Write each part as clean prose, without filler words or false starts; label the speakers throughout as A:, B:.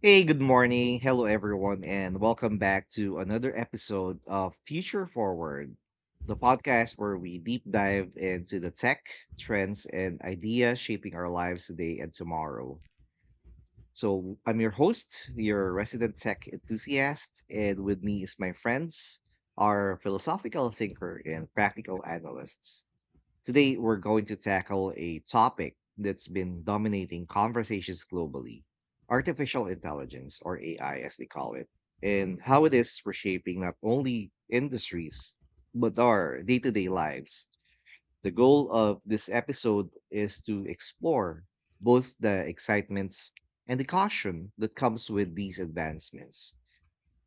A: Hey, good morning. Hello, everyone, and welcome back to another episode of Future Forward, the podcast where we deep dive into the tech, trends, and ideas shaping our lives today and tomorrow. So, I'm your host, your resident tech enthusiast, and with me is my friends, our philosophical thinker and practical analyst. Today, we're going to tackle a topic that's been dominating conversations globally: artificial intelligence, or AI as they call it, and how it is reshaping not only industries, but our day to day lives. The goal of this episode is to explore both the excitements and the caution that comes with these advancements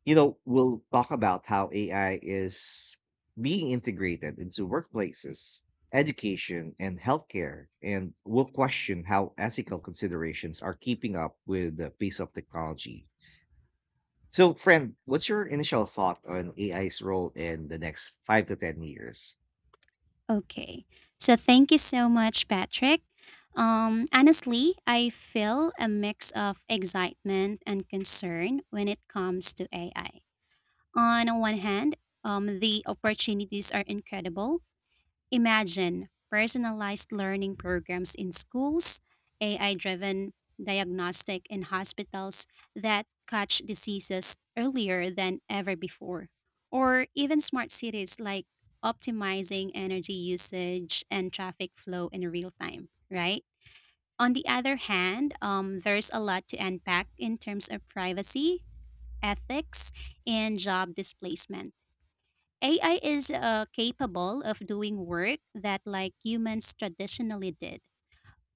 A: you know, We'll talk about how AI is being integrated into workplaces, education, and healthcare, and we'll question how ethical considerations are keeping up with the pace of technology. So, friend, what's your initial thought on AI's role in the next 5 to 10 years?
B: Okay. So thank you so much, Patrick. Honestly, I feel a mix of excitement and concern when it comes to AI. On one hand, the opportunities are incredible. Imagine personalized learning programs in schools, AI driven diagnostic in hospitals that catch diseases earlier than ever before, or even smart cities like optimizing energy usage and traffic flow in real time, right? On the other hand, there's a lot to unpack in terms of privacy, ethics, and job displacement. AI is capable of doing work that like humans traditionally did,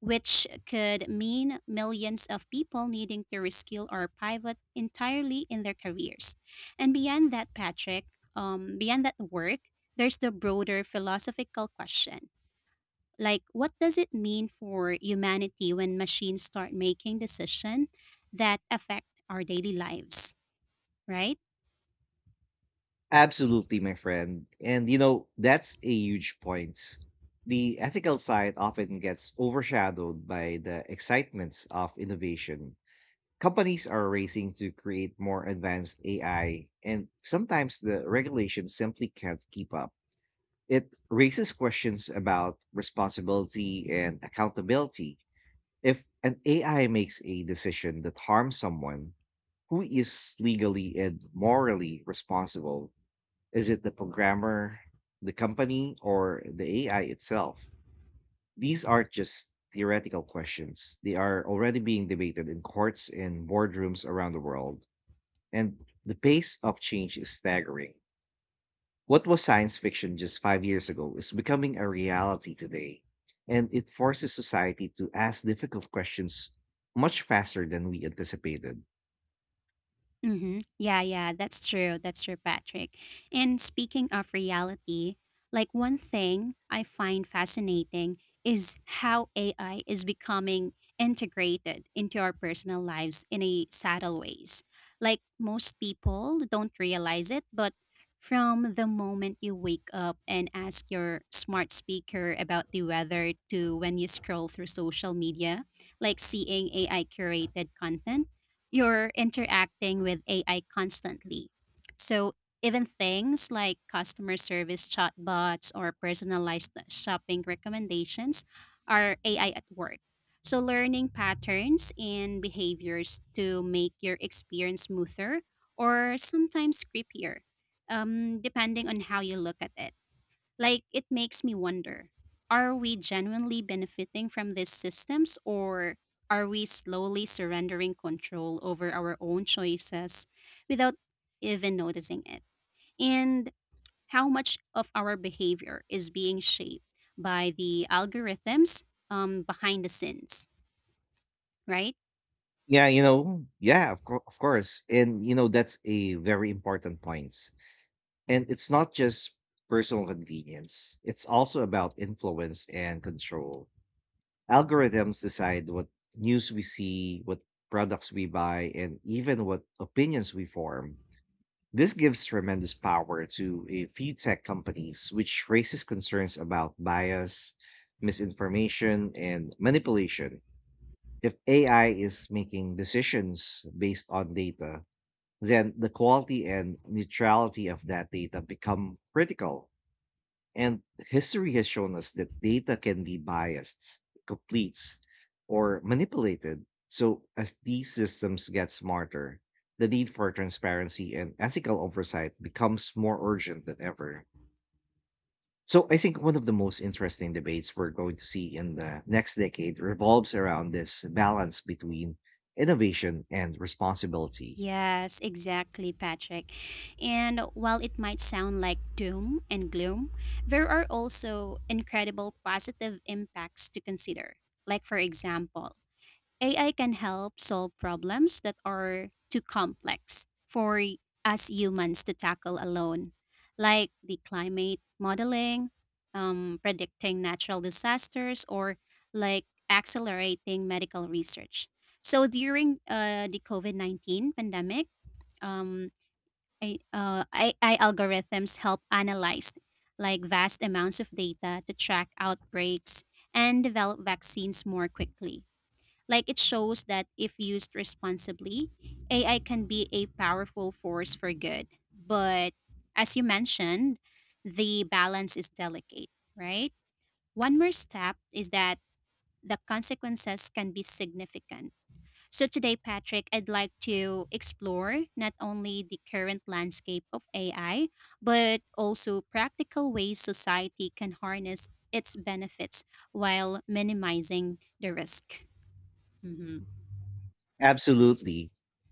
B: which could mean millions of people needing to reskill or pivot entirely in their careers. And beyond that, Patrick, beyond that work, there's the broader philosophical question. Like, what does it mean for humanity when machines start making decisions that affect our daily lives, right?
A: Absolutely, my friend. And that's a huge point. The ethical side often gets overshadowed by the excitements of innovation. Companies are racing to create more advanced AI, and sometimes the regulations simply can't keep up. It raises questions about responsibility and accountability. If an AI makes a decision that harms someone, who is legally and morally responsible? Is it the programmer, the company, or the AI itself? These aren't just theoretical questions; they are already being debated in courts and boardrooms around the world, and the pace of change is staggering. What was science fiction just 5 years ago is becoming a reality today, and it forces society to ask difficult questions much faster than we anticipated.
B: Mm-hmm. Yeah, yeah, that's true. That's true, Patrick. And speaking of reality, like one thing I find fascinating is how AI is becoming integrated into our personal lives in a subtle ways. Like most people don't realize it, but from the moment you wake up and ask your smart speaker about the weather to when you scroll through social media, like seeing AI curated content, you're interacting with AI constantly. So even things like customer service chatbots or personalized shopping recommendations are AI at work. So learning patterns and behaviors to make your experience smoother or sometimes creepier, depending on how you look at it. Like, it makes me wonder, are we genuinely benefiting from these systems, or are we slowly surrendering control over our own choices without even noticing it? And how much of our behavior is being shaped by the algorithms behind the scenes, right?
A: Yeah, yeah, of course. And that's a very important point. And it's not just personal convenience, it's also about influence and control. Algorithms decide what news we see, what products we buy, and even what opinions we form. This gives tremendous power to a few tech companies, which raises concerns about bias, misinformation, and manipulation. If AI is making decisions based on data, then the quality and neutrality of that data become critical. And history has shown us that data can be biased, complete, or manipulated. So, as these systems get smarter, the need for transparency and ethical oversight becomes more urgent than ever. So, I think one of the most interesting debates we're going to see in the next decade revolves around this balance between innovation and responsibility.
B: Yes, exactly, Patrick. And while it might sound like doom and gloom, there are also incredible positive impacts to consider. Like, for example, AI can help solve problems that are too complex for us humans to tackle alone, like the climate modeling, predicting natural disasters, or like accelerating medical research. So during the COVID-19 pandemic, um, AI algorithms help analyze like vast amounts of data to track outbreaks and develop vaccines more quickly. Like it shows that if used responsibly, AI can be a powerful force for good. But as you mentioned, the balance is delicate, right? One more step is that the consequences can be significant. So today, Patrick, I'd like to explore not only the current landscape of AI, but also practical ways society can harness its benefits while minimizing the risk. Mm-hmm.
A: Absolutely.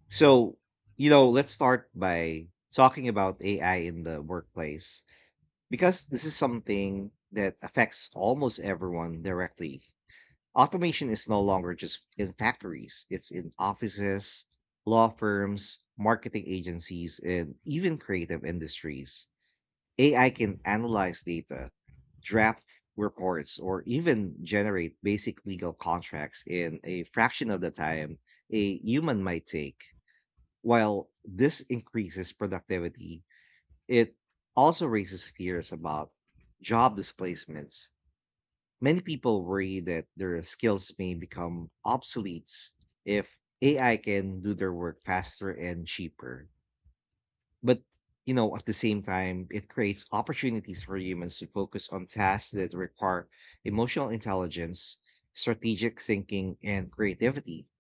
A: So, let's start by talking about AI in the workplace. Because this is something that affects almost everyone directly, automation is no longer just in factories, it's in offices, law firms, marketing agencies, and even creative industries. AI can analyze data, draft reports, or even generate basic legal contracts in a fraction of the time a human might take. While this increases productivity, it also raises fears about job displacements. Many people worry that their skills may become obsolete if AI can do their work faster and cheaper. But at the same time, it creates opportunities for humans to focus on tasks that require emotional intelligence, strategic thinking, and creativity,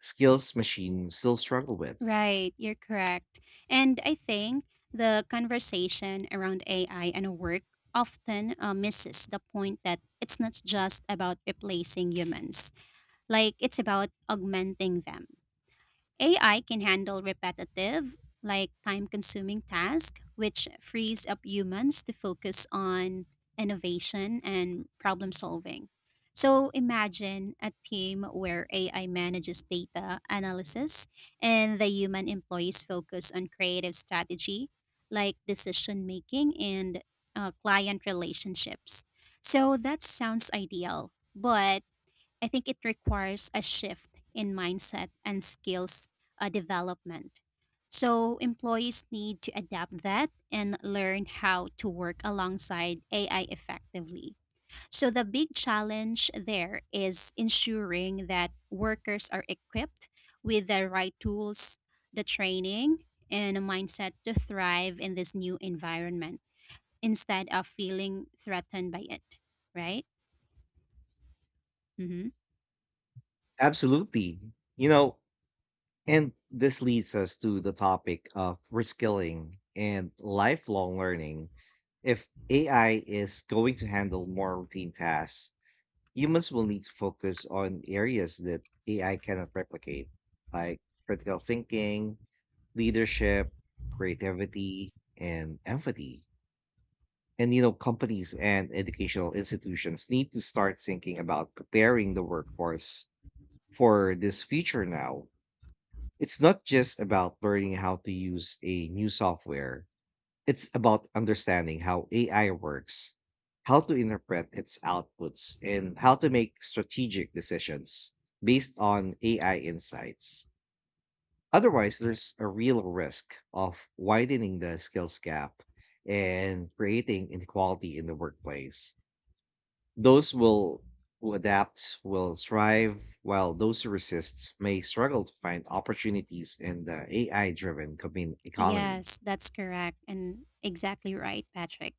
A: skills machines still struggle with.
B: Right, you're correct. And I think the conversation around AI and work often misses the point that it's not just about replacing humans. Like, it's about augmenting them. AI can handle repetitive, like time consuming tasks, which frees up humans to focus on innovation and problem solving. So imagine a team where AI manages data analysis and the human employees focus on creative strategy, like decision making and client relationships. So that sounds ideal. But I think it requires a shift in mindset and skills development. So, employees need to adapt that and learn how to work alongside AI effectively. So, the big challenge there is ensuring that workers are equipped with the right tools, the training, and a mindset to thrive in this new environment instead of feeling threatened by it, right? Mm-hmm.
A: Absolutely. You know, And this leads us to the topic of reskilling and lifelong learning. If AI is going to handle more routine tasks, humans will need to focus on areas that AI cannot replicate, like critical thinking, leadership, creativity, and empathy. And companies and educational institutions need to start thinking about preparing the workforce for this future now. It's not just about learning how to use a new software, it's about understanding how AI works, how to interpret its outputs, and how to make strategic decisions based on AI insights. Otherwise, there's a real risk of widening the skills gap and creating inequality in the workplace. Those will who adapt will thrive, while those who resist may struggle to find opportunities in the AI-driven economy.
B: Yes, that's correct and exactly right, Patrick.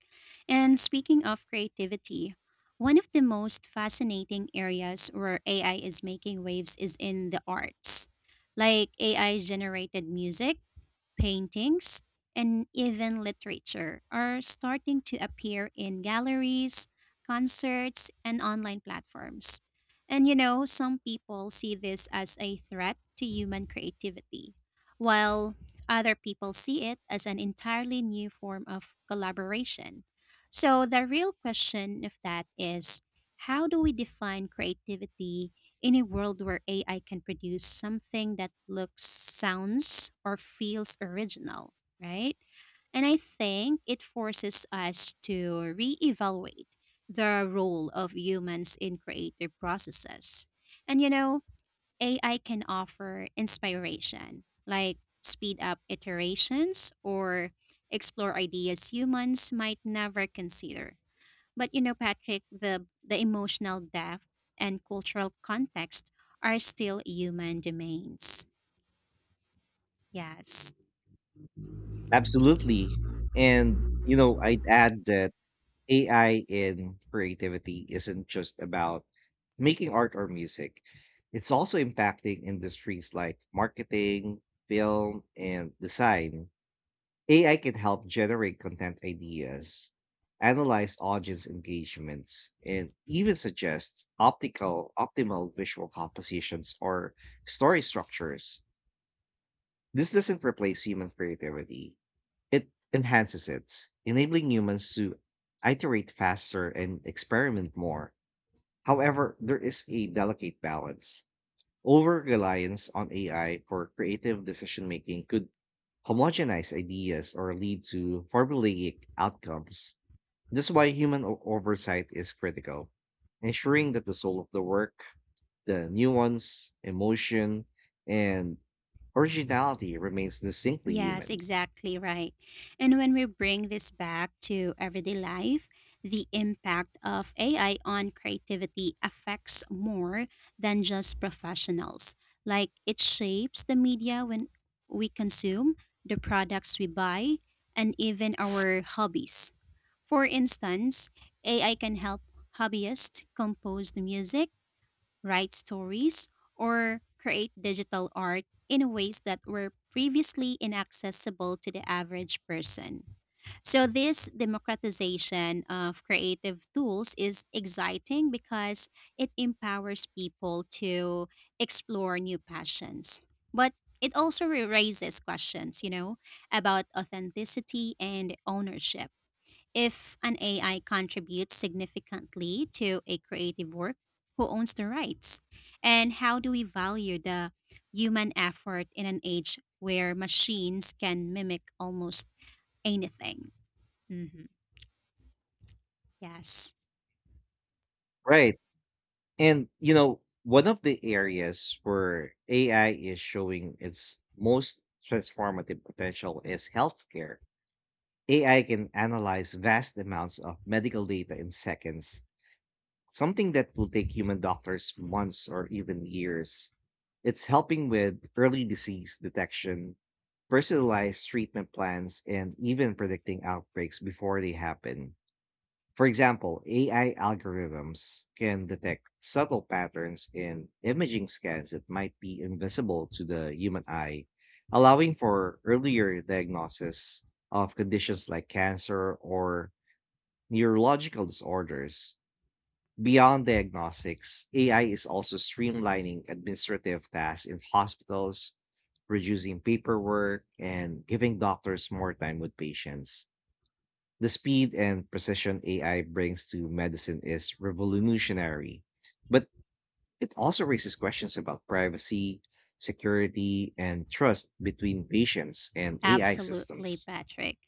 B: And speaking of creativity, one of the most fascinating areas where AI is making waves is in the arts. Like AI generated music, paintings, and even literature are starting to appear in galleries, concerts, and online platforms. And you know, some people see this as a threat to human creativity, while other people see it as an entirely new form of collaboration. So, the real question of that is, how do we define creativity in a world where AI can produce something that looks, sounds, or feels original, right? And I think it forces us to reevaluate the role of humans in creative processes. And you know, AI can offer inspiration, like speed up iterations or explore ideas humans might never consider. But you know, Patrick, the emotional depth and cultural context are still human domains. Yes.
A: Absolutely. And I'd add that AI in creativity isn't just about making art or music, it's also impacting industries like marketing, film, and design. AI can help generate content ideas, analyze audience engagements, and even suggest optical optimal visual compositions or story structures. This doesn't replace human creativity. It enhances it, enabling humans to iterate faster and experiment more. However, there is a delicate balance. Over reliance on AI for creative decision making could homogenize ideas or lead to formulaic outcomes. This is why human oversight is critical, ensuring that the soul of the work, the nuance, emotion, and originality remains distinctly
B: Yes,
A: human.
B: exactly right. And when we bring this back to everyday life, the impact of AI on creativity affects more than just professionals. Like it shapes the media when we consume, the products we buy, and even our hobbies. For instance, AI can help hobbyists compose the music, write stories, or create digital art in ways that were previously inaccessible to the average person. So, this democratization of creative tools is exciting because it empowers people to explore new passions. But it also raises questions, you know, about authenticity and ownership. If an AI contributes significantly to a creative work, who owns the rights? And how do we value the human effort in an age where machines can mimic almost anything? Hmm. Yes.
A: Right. And one of the areas where AI is showing its most transformative potential is healthcare. AI can analyze vast amounts of medical data in seconds, something that will take human doctors months or even years. It's helping with early disease detection, personalized treatment plans, and even predicting outbreaks before they happen. For example, AI algorithms can detect subtle patterns in imaging scans that might be invisible to the human eye, allowing for earlier diagnosis of conditions like cancer or neurological disorders. Beyond diagnostics, AI is also streamlining administrative tasks in hospitals, reducing paperwork, and giving doctors more time with patients. The speed and precision AI brings to medicine is revolutionary, but it also raises questions about privacy, security, and trust between patients and AI
B: Absolutely,
A: systems.
B: Patrick.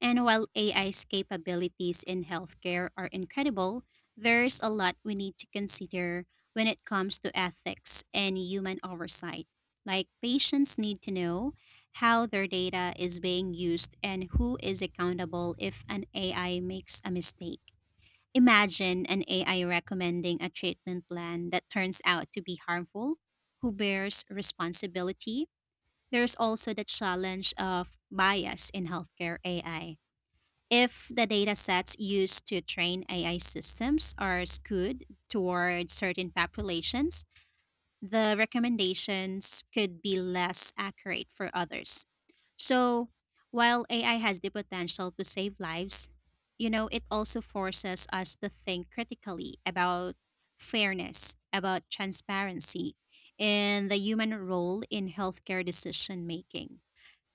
B: And while AI's capabilities in healthcare are incredible, there's a lot we need to consider when it comes to ethics and human oversight. Like, patients need to know how their data is being used and who is accountable if an AI makes a mistake. Imagine an AI recommending a treatment plan that turns out to be harmful. Who bears responsibility? There's also the challenge of bias in healthcare AI. If the data sets used to train AI systems are skewed toward certain populations, the recommendations could be less accurate for others. So, while AI has the potential to save lives, you know, it also forces us to think critically about fairness, about transparency, and the human role in healthcare decision making.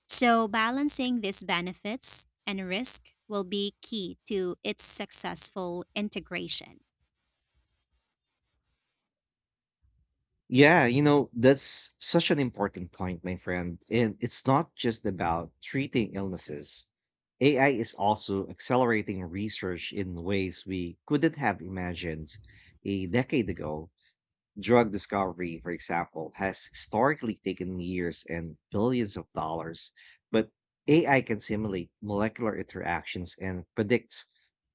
B: So, balancing these benefits and risk will be key to its successful integration.
A: Yeah, that's such an important point, my friend. And it's not just about treating illnesses. AI is also accelerating research in ways we couldn't have imagined a decade ago. Drug discovery, for example, has historically taken years and billions of dollars, but AI can simulate molecular interactions and predicts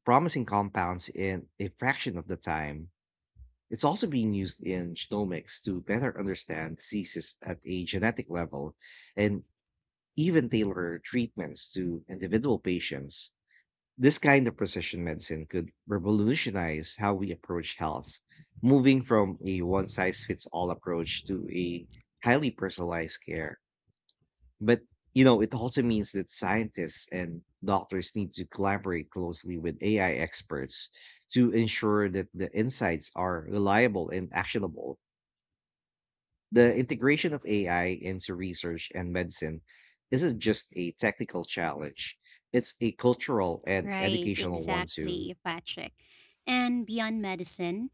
A: promising compounds in a fraction of the time. It's also being used in genomics to better understand diseases at a genetic level and even tailor treatments to individual patients. This kind of precision medicine could revolutionize how we approach health, moving from a one size fits all approach to a highly personalized care. But it also means that scientists and doctors need to collaborate closely with AI experts to ensure that the insights are reliable and actionable. The integration of AI into research and medicine isn't just a technical challenge, it's a cultural and
B: Right,
A: educational one too.
B: exactly, Patrick. And beyond medicine,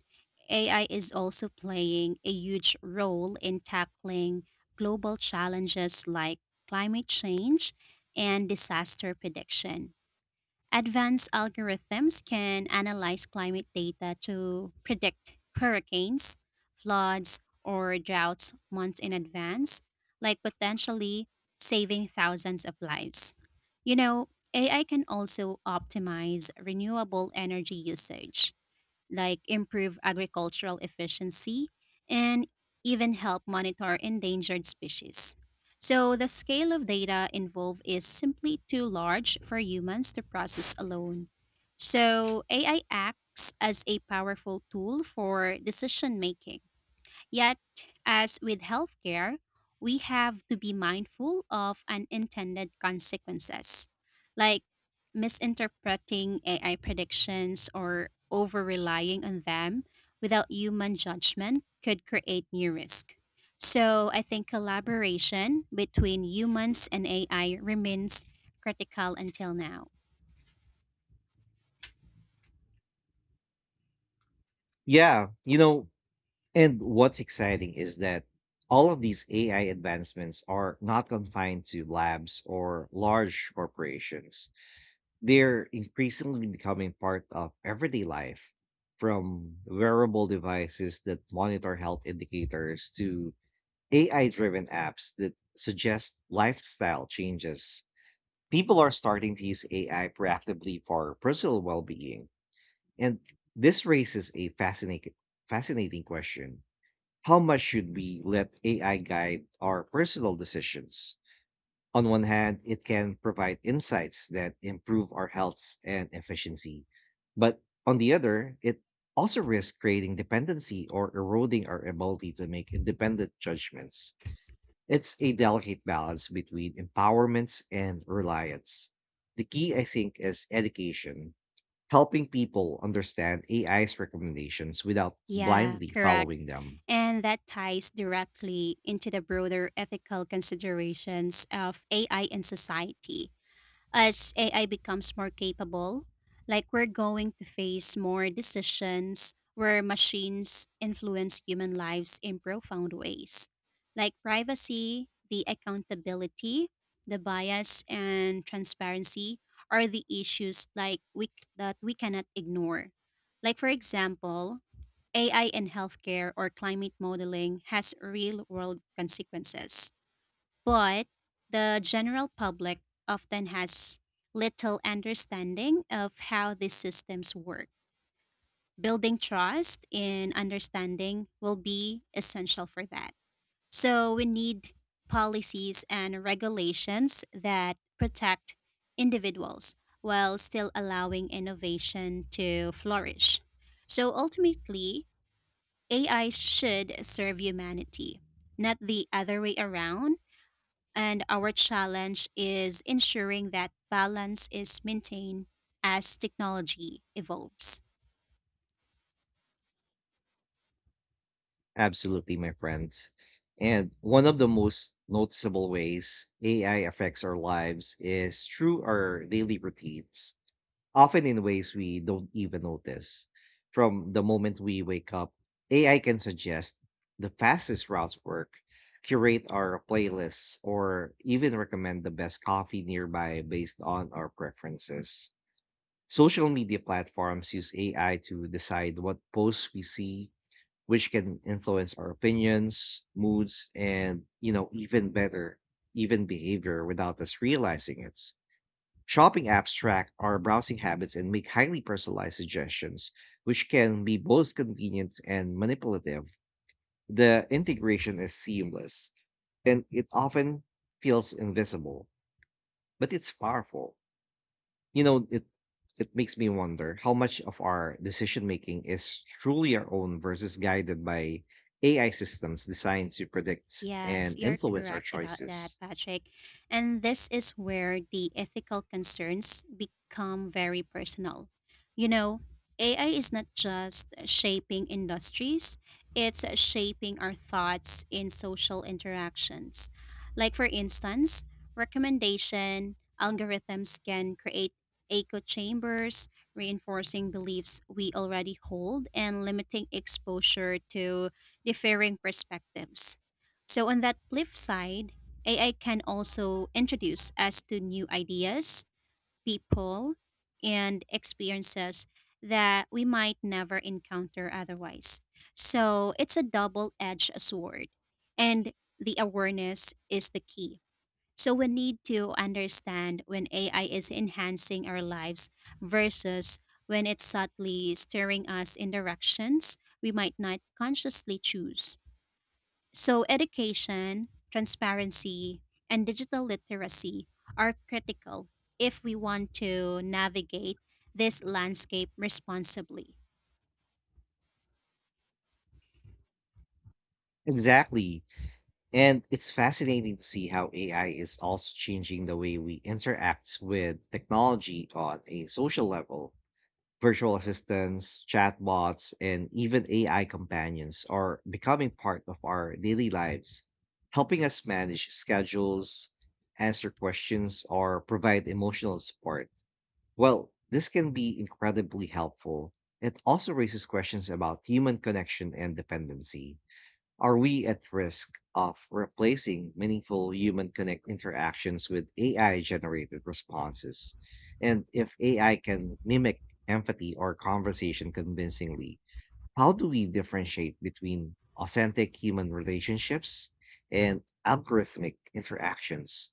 B: AI is also playing a huge role in tackling global challenges like climate change and disaster prediction. Advanced algorithms can analyze climate data to predict hurricanes, floods, or droughts months in advance, like potentially saving thousands of lives. You know, AI can also optimize renewable energy usage, like improve agricultural efficiency and even help monitor endangered species. So the scale of data involved is simply too large for humans to process alone. So AI acts as a powerful tool for decision making. Yet, as with healthcare, we have to be mindful of unintended consequences, like misinterpreting AI predictions or over relying on them without human judgment could create new risk. So, I think collaboration between humans and AI remains critical until now.
A: Yeah, and what's exciting is that all of these AI advancements are not confined to labs or large corporations. They're increasingly becoming part of everyday life, from wearable devices that monitor health indicators to AI driven apps that suggest lifestyle changes. People are starting to use AI proactively for personal well being. And this raises a fascinating question. How much should we let AI guide our personal decisions? On one hand, it can provide insights that improve our health and efficiency. But on the other, it also risks creating dependency or eroding our ability to make independent judgments. It's a delicate balance between empowerments and reliance. The key, I think, is education, helping people understand AI's recommendations without
B: Yeah,
A: blindly
B: correct.
A: following them.
B: And that ties directly into the broader ethical considerations of AI in society. As AI becomes more capable, like we're going to face more decisions where machines influence human lives in profound ways, like privacy, the accountability, the bias, and transparency are the issues like we, that we cannot ignore. Like for example, AI in healthcare or climate modeling has real world consequences, but the general public often has little understanding of how these systems work. Building trust in understanding will be essential for that. So, we need policies and regulations that protect individuals while still allowing innovation to flourish. So, ultimately, AI should serve humanity, not the other way around. And our challenge is ensuring that balance is maintained as technology evolves.
A: Absolutely, my friends. And one of the most noticeable ways AI affects our lives is through our daily routines, often in ways we don't even notice. From the moment we wake up, AI can suggest the fastest route to work, curate our playlists, or even recommend the best coffee nearby based on our preferences. Social media platforms use AI to decide what posts we see, which can influence our opinions, moods, and even behavior without us realizing it. Shopping apps track our browsing habits and make highly personalized suggestions, which can be both convenient and manipulative. The integration is seamless and it often feels invisible, but it's powerful you know it it makes me wonder how much of our decision making is truly our own versus guided by AI systems designed to predict
B: Yes,
A: and
B: you're
A: influence our
B: correct about that,
A: choices.
B: Patrick. And this is where the ethical concerns become very personal. You know, AI is not just shaping industries, it's shaping our thoughts in social interactions. Like, for instance, recommendation algorithms can create echo chambers, reinforcing beliefs we already hold and limiting exposure to differing perspectives. So, on that flip side, AI can also introduce us to new ideas, people, and experiences that we might never encounter otherwise. So, it's a double edged sword, and the awareness is the key. So, we need to understand when AI is enhancing our lives versus when it's subtly steering us in directions we might not consciously choose. So, education, transparency, and digital literacy are critical if we want to navigate this landscape responsibly.
A: Exactly. And it's fascinating to see how AI is also changing the way we interact with technology on a social level. Virtual assistants, chatbots, and even AI companions are becoming part of our daily lives, helping us manage schedules, answer questions, or provide emotional support. Well, this can be incredibly helpful. It also raises questions about human connection and dependency. Are we at risk of replacing meaningful human connect interactions with AI generated responses? And if AI can mimic empathy or conversation convincingly, how do we differentiate between authentic human relationships and algorithmic interactions?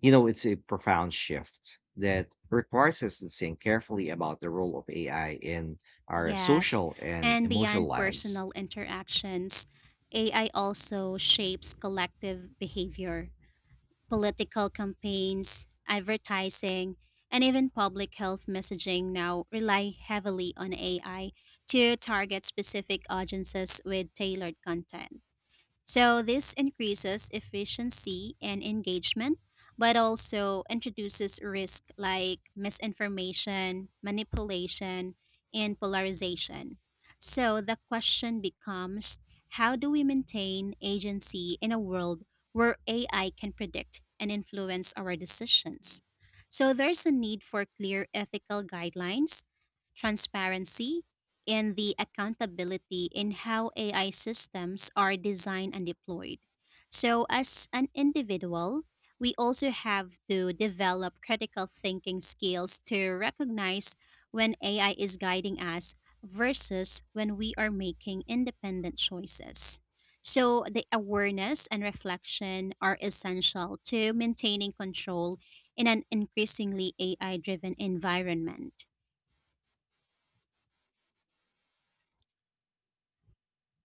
A: It's a profound shift that requires us to think carefully about the role of AI in our
B: Yes,
A: social and
B: and
A: emotional
B: beyond
A: lives.
B: personal interactions, AI also shapes collective behavior. Political campaigns, advertising, and even public health messaging now rely heavily on AI to target specific audiences with tailored content. So this increases efficiency and engagement, but also introduces risk like misinformation, manipulation, and polarization. So the question becomes, how do we maintain agency in a world where AI can predict and influence our decisions? So there's a need for clear ethical guidelines, transparency, and the accountability in how AI systems are designed and deployed. So, as an individual, we also have to develop critical thinking skills to recognize when AI is guiding us versus when we are making independent choices. So, the awareness and reflection are essential to maintaining control in an increasingly AI driven environment.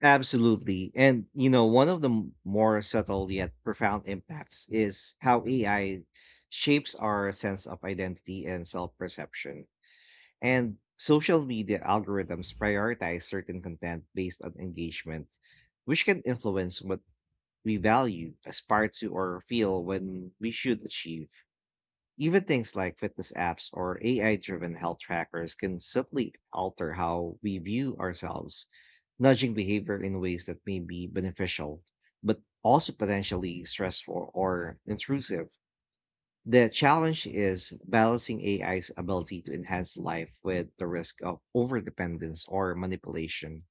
A: Absolutely. And one of the more subtle yet profound impacts is how AI shapes our sense of identity and self perception. And social media algorithms prioritize certain content based on engagement, which can influence what we value, aspire to, or feel when we should achieve. Even things like fitness apps or AI driven health trackers can subtly alter how we view ourselves, nudging behavior in ways that may be beneficial, but also potentially stressful or intrusive. The challenge is balancing AI's ability to enhance life with the risk of overdependence or manipulation.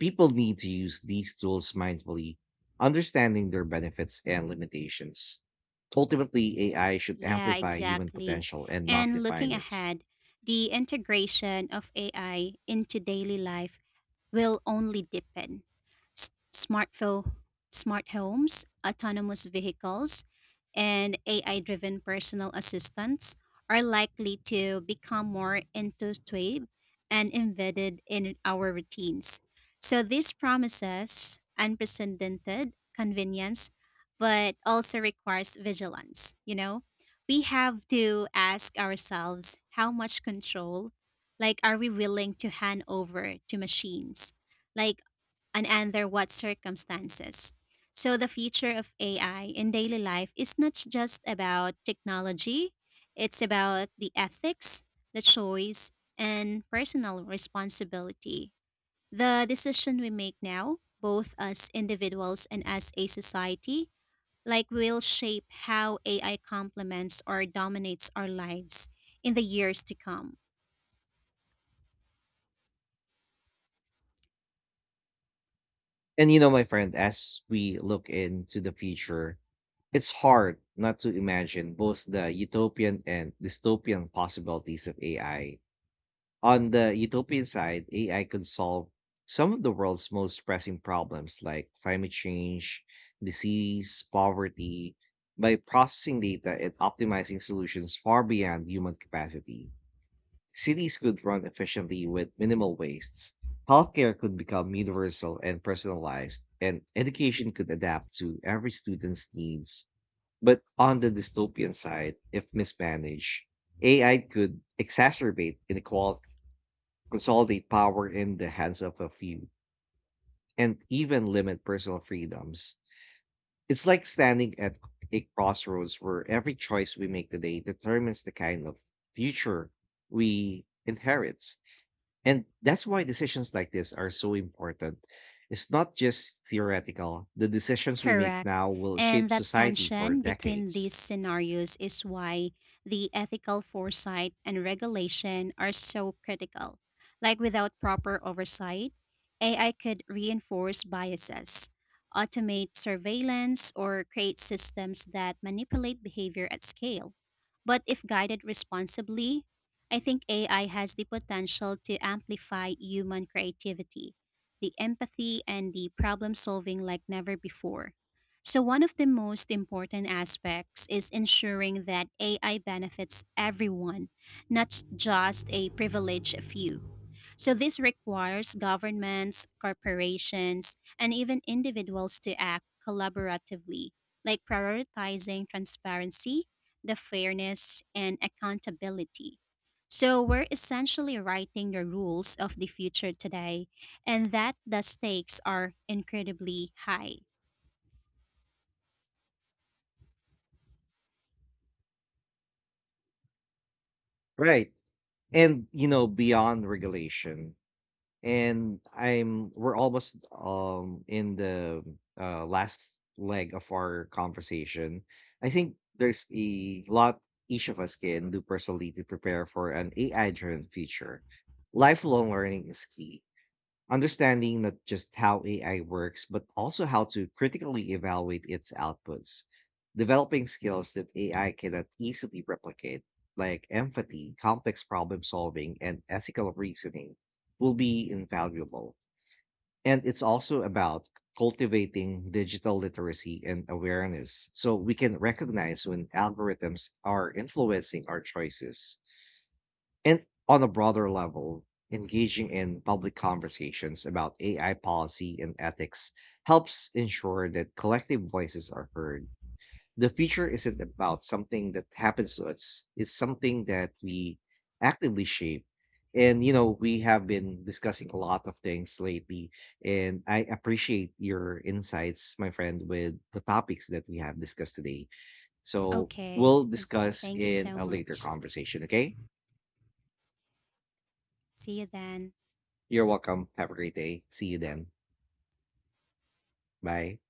A: People need to use these tools mindfully, understanding their benefits and limitations. Ultimately, AI should
B: Yeah,
A: amplify human
B: exactly.
A: potential and not
B: And looking
A: define it.
B: ahead, the integration of AI into daily life will only deepen. Smartphone, smart homes, autonomous vehicles, and AI driven personal assistants are likely to become more intuitive and embedded in our routines. So, this promises unprecedented convenience, but also requires vigilance. You know, we have to ask ourselves how much control like, are we willing to hand over to machines? Like, and under what circumstances? So, the future of AI in daily life is not just about technology, it's about the ethics, the choice, and personal responsibility. The decision we make now, both as individuals and as a society, like will shape how AI complements or dominates our lives in the years to come.
A: And my friend, as we look into the future, it's hard not to imagine both the utopian and dystopian possibilities of AI. On the utopian side, AI could solve some of the world's most pressing problems like climate change, disease, poverty, by processing data and optimizing solutions far beyond human capacity. Cities could run efficiently with minimal wastes. Healthcare could become universal and personalized, and education could adapt to every student's needs. But on the dystopian side, if mismanaged, AI could exacerbate inequality, consolidate power in the hands of a few, and even limit personal freedoms. It's like standing at a crossroads where every choice we make today determines the kind of future we inherit. And that's why decisions like this are so important. It's not just theoretical; the decisions we make
B: Correct.
A: now will
B: And
A: shape
B: that
A: society for
B: tension between
A: decades.
B: these scenarios is why the ethical foresight and regulation are so critical. Like without proper oversight, AI could reinforce biases, automate surveillance, or create systems that manipulate behavior at scale. But if guided responsibly, I think AI has the potential to amplify human creativity, the empathy, and the problem solving like never before. So, one of the most important aspects is ensuring that AI benefits everyone, not just a privileged few. So, this requires governments, corporations, and even individuals to act collaboratively, like prioritizing transparency, the fairness, and accountability. So, we're essentially writing the rules of the future today and that the stakes are incredibly high.
A: Right. And beyond regulation. And I'm we're almost in the last leg of our conversation. I think there's a lot each of us can do personally to prepare for an AI-driven future. Lifelong learning is key, understanding not just how AI works, but also how to critically evaluate its outputs. Developing skills that AI cannot easily replicate, like empathy, complex problem solving, and ethical reasoning, will be invaluable. And it's also about cultivating digital literacy and awareness so we can recognize when algorithms are influencing our choices. And on a broader level, engaging in public conversations about AI policy and ethics helps ensure that collective voices are heard. The future isn't about something that happens to us, it's something that we actively shape. And we have been discussing a lot of things lately, and I appreciate your insights, my friend, with the topics that we have discussed today. So
B: Okay,
A: we'll
B: thank,
A: discuss
B: thank you
A: in
B: so
A: a later
B: much.
A: conversation, okay?
B: See you then.
A: You're welcome. Have a great day. See you then. Bye.